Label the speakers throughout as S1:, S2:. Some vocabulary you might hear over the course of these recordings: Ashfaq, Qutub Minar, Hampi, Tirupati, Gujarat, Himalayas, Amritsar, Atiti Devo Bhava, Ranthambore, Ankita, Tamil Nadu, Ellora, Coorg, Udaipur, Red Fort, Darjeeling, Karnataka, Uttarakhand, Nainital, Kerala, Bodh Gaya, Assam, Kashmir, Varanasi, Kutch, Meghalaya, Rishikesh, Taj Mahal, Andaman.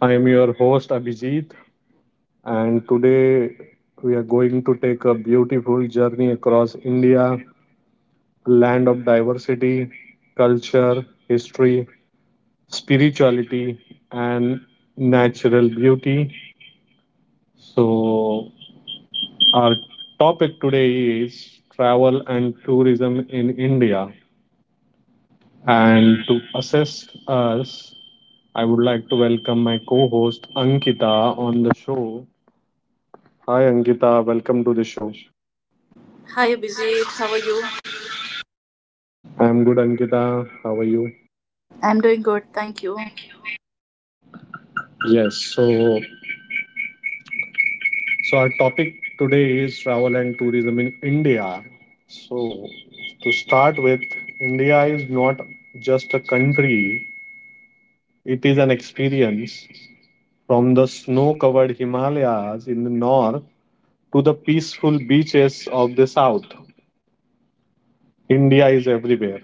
S1: I am your host Abhijit, and today we are going to take a beautiful journey across India, land of diversity, culture, history, spirituality, and natural beauty. So, our topic today is travel and tourism in India. And to assist us, I would like to welcome my co host Ankita on the show. Hi Ankita, welcome to the show.
S2: Hi Abhijit, how are you?
S1: I'm good, Ankita. How are you?
S2: I'm doing good, thank you.
S1: Yes, so our topic today is travel and tourism in India. So to start with, India is not just a country, it is an experience from the snow-covered Himalayas in the north to the peaceful beaches of the south. India is everywhere.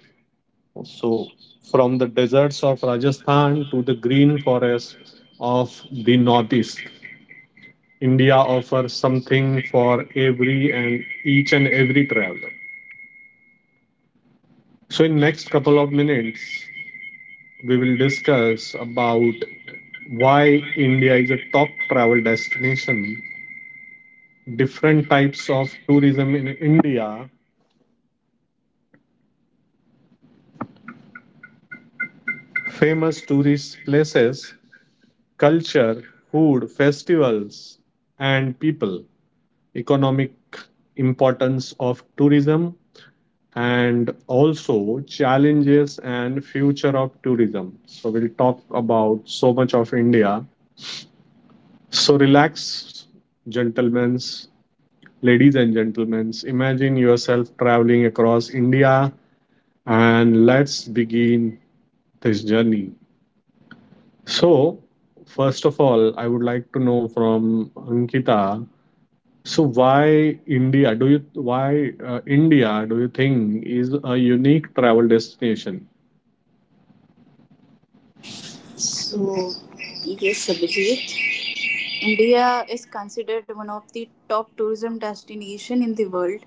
S1: So, from the deserts of Rajasthan to the green forests of the Northeast, India offers something for every and each and every traveler. So, in next couple of minutes, we will discuss about why India is a top travel destination, different types of tourism in India, famous tourist places, culture, food, festivals, and people. Economic importance of tourism and also challenges and future of tourism, so we'll talk about so much of India. So relax, gentlemen, ladies and gentlemen, imagine yourself traveling across India and let's begin this journey. So first of all, I would like to know from Ankita, so why India? Do you why India? Do you think is a unique travel destination?
S2: So, yes, Abhijit, India is considered one of the top tourism destination in the world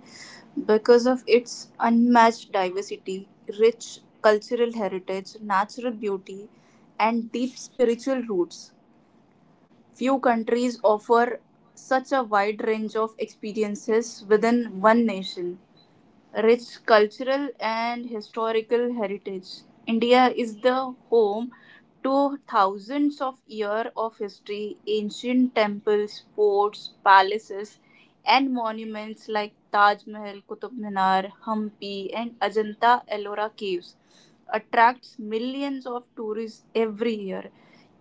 S2: because of its unmatched diversity, rich cultural heritage, natural beauty, and deep spiritual roots. Few countries offer such a wide range of experiences within one nation. Rich cultural and historical heritage. India is the home to thousands of years of history, ancient temples, forts, palaces, and monuments like Taj Mahal, Qutub Minar, Hampi, and Ajanta Ellora caves attracts millions of tourists every year.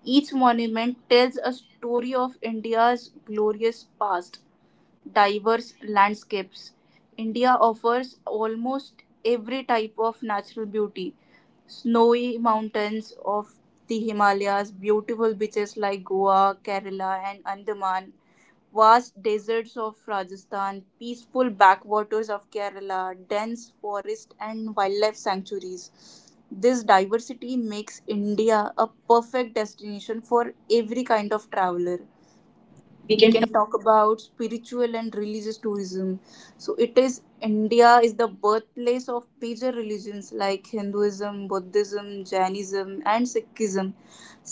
S2: Each monument tells a story of India's glorious past. Diverse landscapes. India offers almost every type of natural beauty, snowy mountains of the Himalayas, beautiful beaches like Goa, Kerala, and Andaman, vast deserts of Rajasthan, peaceful backwaters of Kerala, dense forest and wildlife sanctuaries. This diversity makes India a perfect destination for every kind of traveler.
S1: We
S2: We
S1: can.
S2: can talk about spiritual and religious tourism, so it is india is the birthplace of major religions like Hinduism, Buddhism, Jainism, and Sikhism.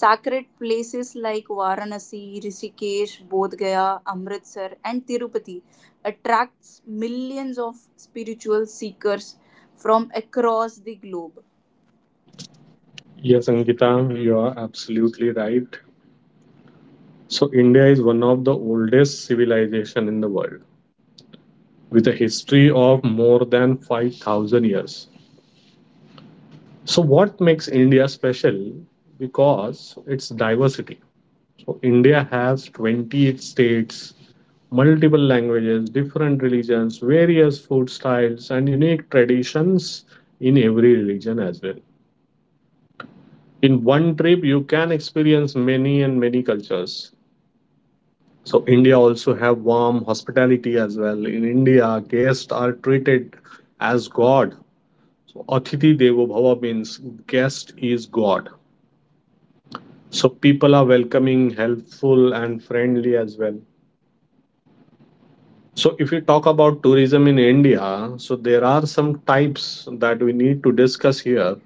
S2: Sacred places like Varanasi, Rishikesh, Bodh Gaya, Amritsar, and Tirupati attracts millions of spiritual seekers from across the globe.
S1: Yes, Ankita, you are absolutely right. So India is one of the oldest civilization in the world, with a history of more than 5,000 years. So what makes India special? Because its diversity. So India has 28 states, multiple languages, different religions, various food styles, and unique traditions in every religion as well. In one trip, you can experience many and many cultures. So India also have warm hospitality as well. In India, guests are treated as God. So Atiti Devo Bhava means guest is God. So people are welcoming, helpful, and friendly as well. So, if we talk about tourism in India, so there are some types that we need to discuss here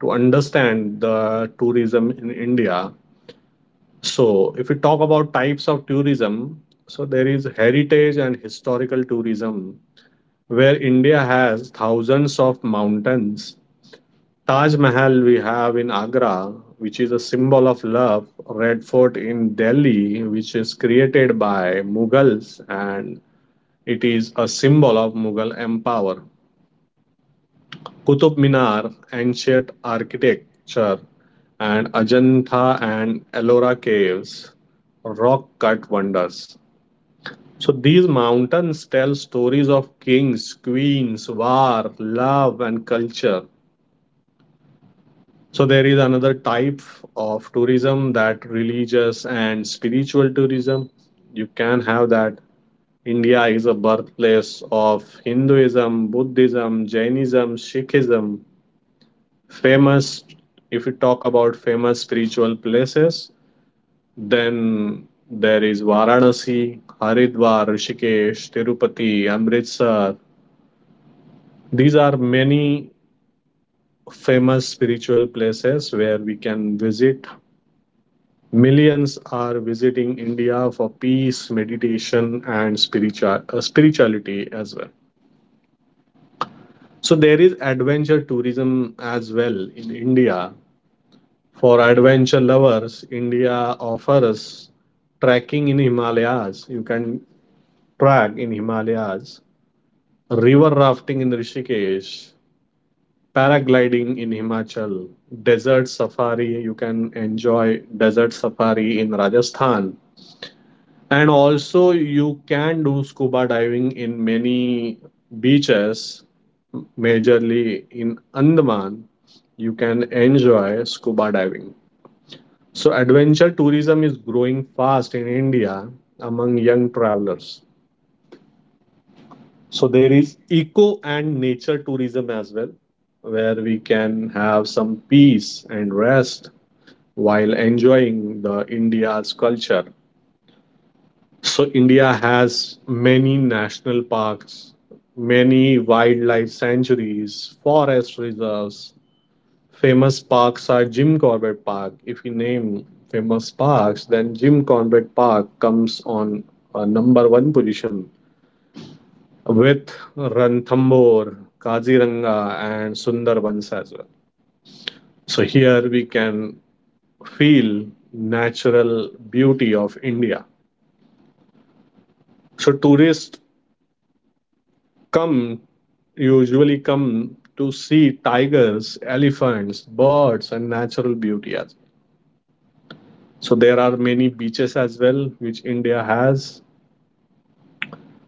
S1: to understand the tourism in India. So, if we talk about types of tourism, so there is heritage and historical tourism, where India has thousands of mountains. Taj Mahal we have in Agra, which is a symbol of love. Red Fort in Delhi, which is created by Mughals, and it is a symbol of Mughal empire. Qutub Minar, ancient architecture, and Ajanta and Ellora caves, rock cut wonders. So these mountains tell stories of kings, queens, war, love, and culture. So there is another type of tourism that religious and spiritual tourism. You can have that India is a birthplace of Hinduism, Buddhism, Jainism, Sikhism. Famous, if we talk about famous spiritual places, then there is Varanasi, Haridwar, Rishikesh, Tirupati, Amritsar. These are many famous spiritual places where we can visit. Millions are visiting India for peace, meditation, and spirituality as well. So there is adventure tourism as well in India. For adventure lovers, India offers trekking in Himalayas. You can trek in Himalayas, river rafting in Rishikesh, paragliding in Himachal, desert safari. You can enjoy desert safari in Rajasthan. And also, you can do scuba diving in many beaches, majorly in Andaman. You can enjoy scuba diving. So, adventure tourism is growing fast in India among young travelers. So, there is eco and nature tourism as well, where we can have some peace and rest while enjoying the India's culture. So India has many national parks, many wildlife sanctuaries, forest reserves. Famous parks are Jim Corbett Park. If you name famous parks, then Jim Corbett Park comes on number one position with Ranthambore, Kaziranga, and Sundarbans as well. So here we can feel natural beauty of India. So tourists come usually come to see tigers, elephants, birds, and natural beauty as well. So there are many beaches as well, which India has.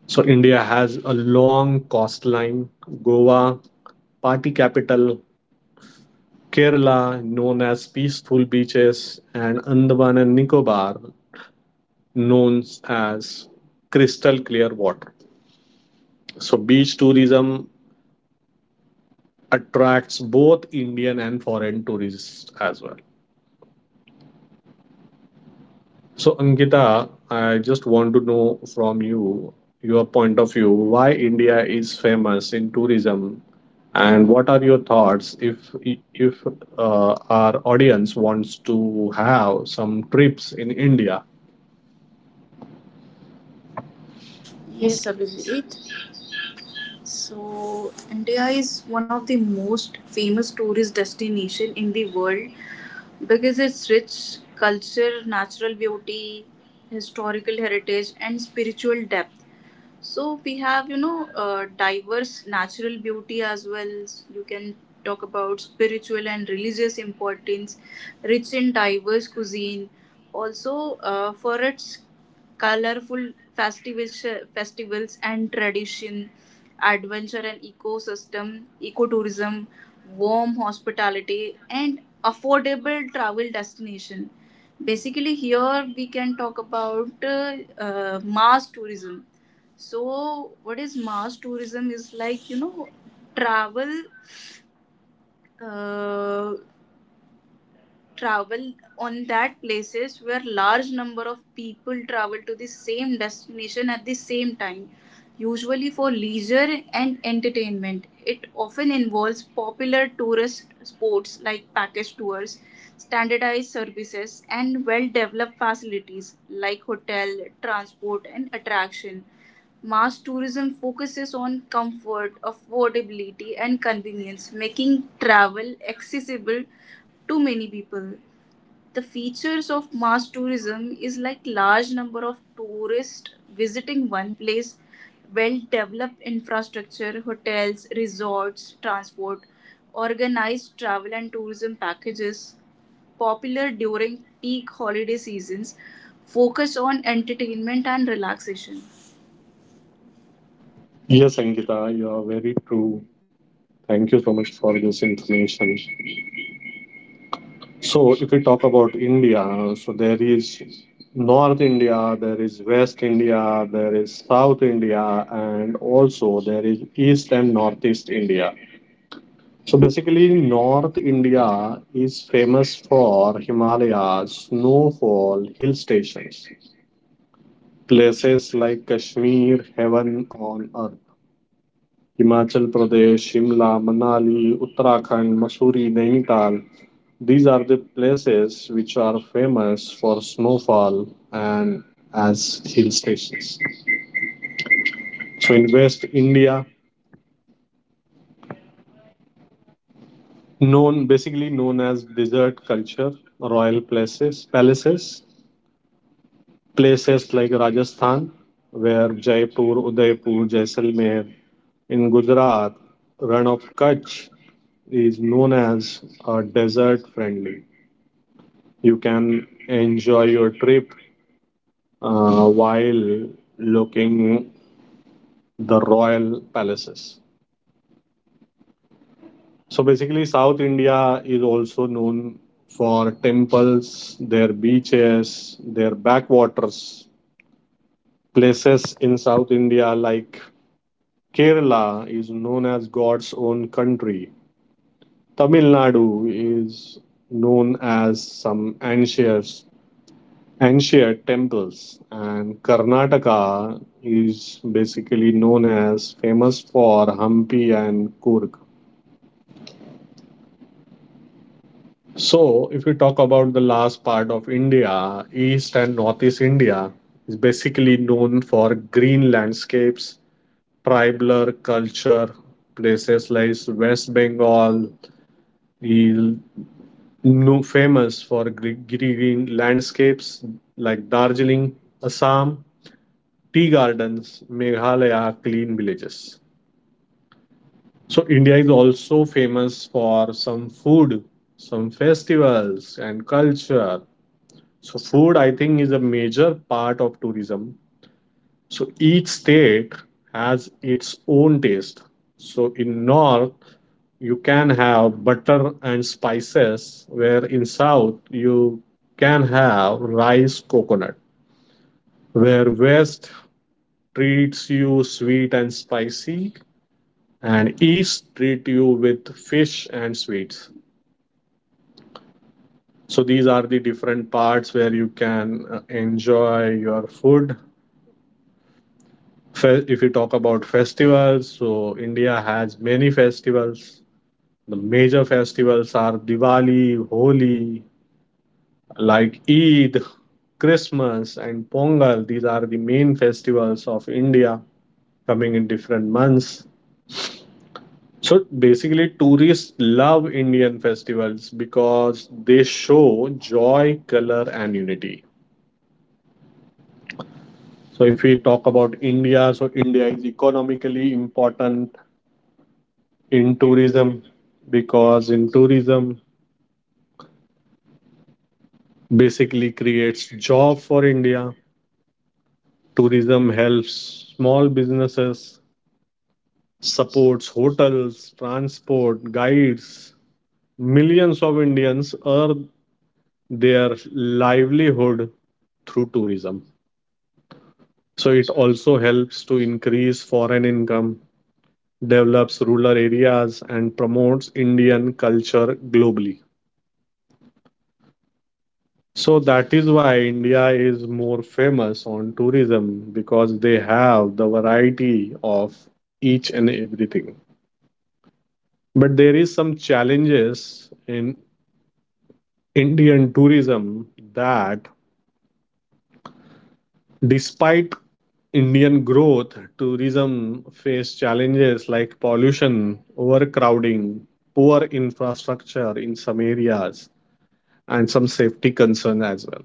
S1: So India has a long coastline. Goa, party capital, Kerala, known as peaceful beaches, and Andaman and Nicobar, known as crystal clear water. So beach tourism attracts both Indian and foreign tourists as well. So, Ankita, I just want to know from you your point of view why India is famous in tourism, and what are your thoughts if our audience wants to have some trips in India?
S2: Yes, Abhijit. So India is one of the most famous tourist destination in the world because its rich culture, natural beauty, historical heritage and spiritual depth. So we have, diverse natural beauty as well. You can talk about spiritual and religious importance, rich in diverse cuisine. Also, for its colorful festivals, festivals and tradition, adventure and ecosystem, ecotourism, warm hospitality, and affordable travel destination. Basically, here we can talk about mass tourism. So, what is mass tourism is like, travel, uh, travel on that places where large number of people travel to the same destination at the same time, usually for leisure and entertainment. It often involves popular tourist sports like package tours, standardized services, and well developed facilities like hotel, transport, and attraction. Mass tourism focuses on comfort, affordability, and convenience, making travel accessible to many people. The features of mass tourism is like large number of tourists visiting one place, well developed infrastructure, hotels, resorts, transport, organized travel and tourism packages, popular during peak holiday seasons, focus on entertainment and relaxation.
S1: Yes, Ankita, you are very true. Thank you so much for this information. So, if we talk about India, so there is North India, there is West India, there is South India, and also there is East and Northeast India. So, basically, North India is famous for Himalayas, snowfall, hill stations, places like Kashmir, heaven on earth. Himachal Pradesh, Shimla, Manali, Uttarakhand, Mussoorie, Nainital. These are the places which are famous for snowfall and as hill stations. So in West India, known as desert culture, royal places, palaces, places like Rajasthan, where Jaipur, Udaipur, Jaisalmer, in Gujarat, Run of Kutch is known as desert friendly. You can enjoy your trip while looking the royal palaces. So basically, South India is also known for temples, their beaches, their backwaters. Places in South India like Kerala is known as God's own country. Tamil Nadu is known as some ancient temples and Karnataka is basically known as famous for Hampi and Kurg. So if you talk about the last part of India, East and Northeast India is basically known for green landscapes, tribal culture, places like West Bengal is no famous for green landscapes like Darjeeling, Assam tea gardens, Meghalaya, clean villages. So, India is also famous for some food, some festivals, and culture. So, food, I think, is a major part of tourism. So, each state has its own taste. So, in North, you can have butter and spices, where in South, you can have rice, coconut, where West treats you sweet and spicy, and each treat you with fish and sweets. So these are the different parts where you can enjoy your food. If you talk about festivals, so India has many festivals. The major festivals are Diwali, Holi, like Eid, Christmas and Pongal. These are the main festivals of India, coming in different months. So basically, tourists love Indian festivals because they show joy, color, and unity. So if we talk about India, so India is economically important in tourism because in tourism basically creates job for India. Tourism helps small businesses, supports hotels, transport, guides. Millions of Indians earn their livelihood through tourism. So it also helps to increase foreign income, develops rural areas, and promotes Indian culture globally. So that is why India is more famous on tourism because they have the variety of each and everything. But there is some challenges in Indian tourism that despite Indian growth, tourism faced challenges like pollution, overcrowding, poor infrastructure in some areas, and some safety concerns as well.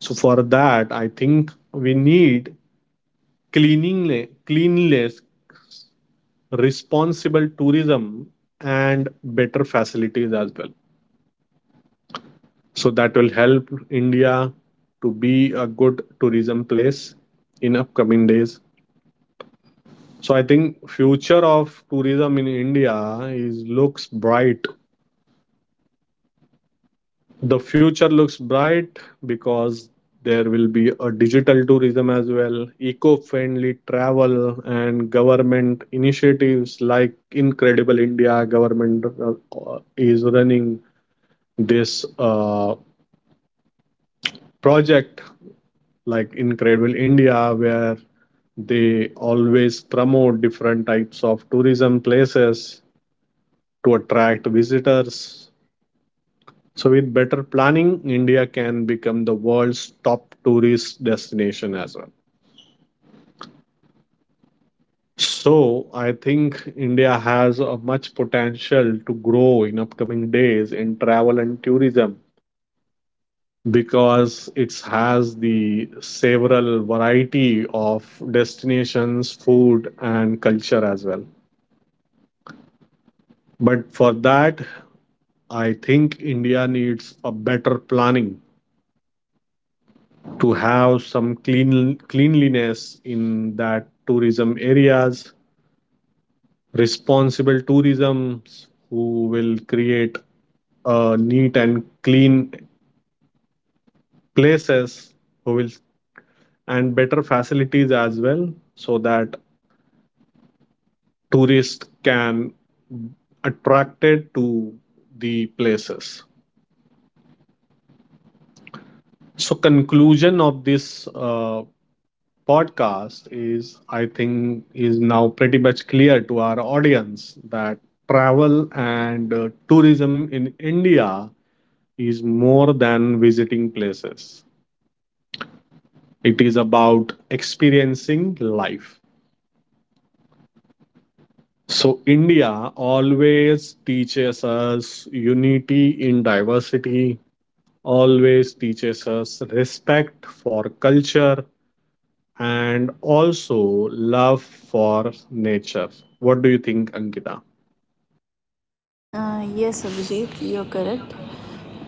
S1: So, for that, I think we need cleanliness, cleanless, responsible tourism and better facilities as well. So, that will help India to be a good tourism place in upcoming days. So I think future of tourism in India is looks bright. The future looks bright because there will be a digital tourism as well, eco-friendly travel and government initiatives like Incredible India. Government is running this project like Incredible India where they always promote different types of tourism places to attract visitors. So, with better planning, India can become the world's top tourist destination as well. So, I think India has a much potential to grow in upcoming days in travel and tourism because it has the several variety of destinations, food, and culture as well. But for that, I think India needs a better planning to have some clean cleanliness in that tourism areas, responsible tourisms who will create neat and clean places who will and better facilities as well so that tourists can attracted to the places. So conclusion of this podcast is I think is now pretty much clear to our audience that travel and tourism in India is more than visiting places. It is about experiencing life. So India always teaches us unity in diversity, always teaches us respect for culture and also love for nature. What do you think, Ankita?
S2: Yes, Abhijit, you're correct.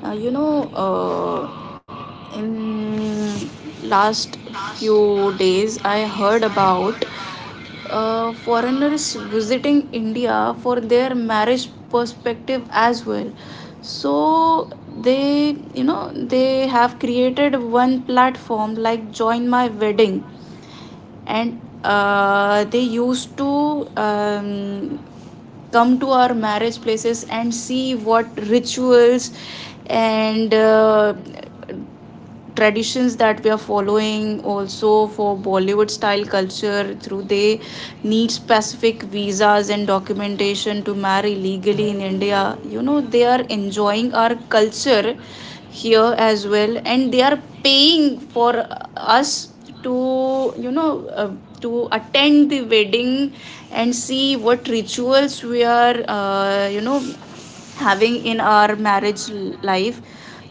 S2: Uh, you know, uh, in last few days, I heard about foreigners visiting India for their marriage perspective as well. So they, they have created one platform like Join My Wedding, and they used to come to our marriage places and see what rituals and traditions that we are following, also for bollywood style culture, through they need specific visas and documentation to marry legally in india. You know, they are enjoying our culture here as well, and they are paying for us to, to attend the wedding and see what rituals we are, having in our marriage life.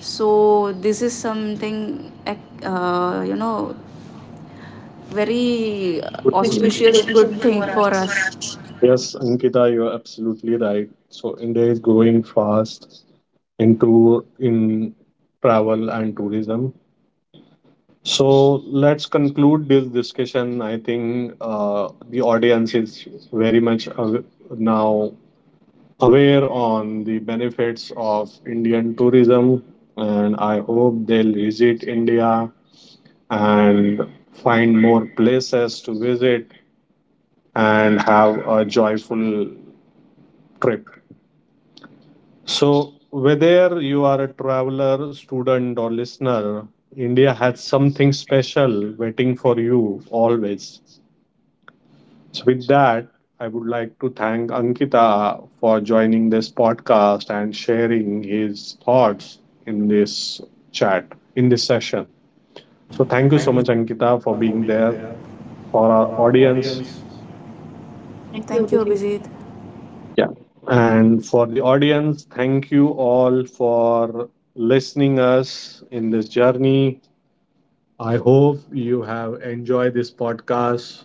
S2: So this is something very
S1: Good. Which is good
S2: auspicious, good
S1: thing
S2: thing
S1: for
S2: for
S1: us.
S2: us.
S1: Yes, Ankita, you're absolutely right. So India is growing fast into in travel and tourism. So let's conclude this discussion. I think the audience is very much aw- now aware on the benefits of Indian tourism, and I hope they'll visit India and find more places to visit and have a joyful trip. So, whether you are a traveler, student, or listener, India has something special waiting for you always. So, with that, I would like to thank Ankita for joining this podcast and sharing his thoughts in this chat, in this session. So,
S2: So
S1: thank you
S2: thank
S1: so
S2: you
S1: much, Ankita, for
S2: Shweta, for
S1: being
S2: being
S1: there
S2: there
S1: for
S2: for
S1: our
S2: our
S1: audience.
S2: audience.
S1: Thank you,
S2: Thank you,
S1: Abhijit.
S2: Abhijit.
S1: Yeah. And for the audience, thank you all for listening us in this journey. I hope you have enjoyed this podcast.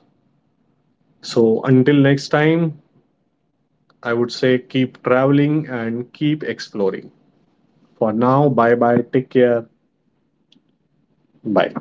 S1: So until next time, I would say keep traveling and keep exploring. For now, bye bye. Take care. Bye.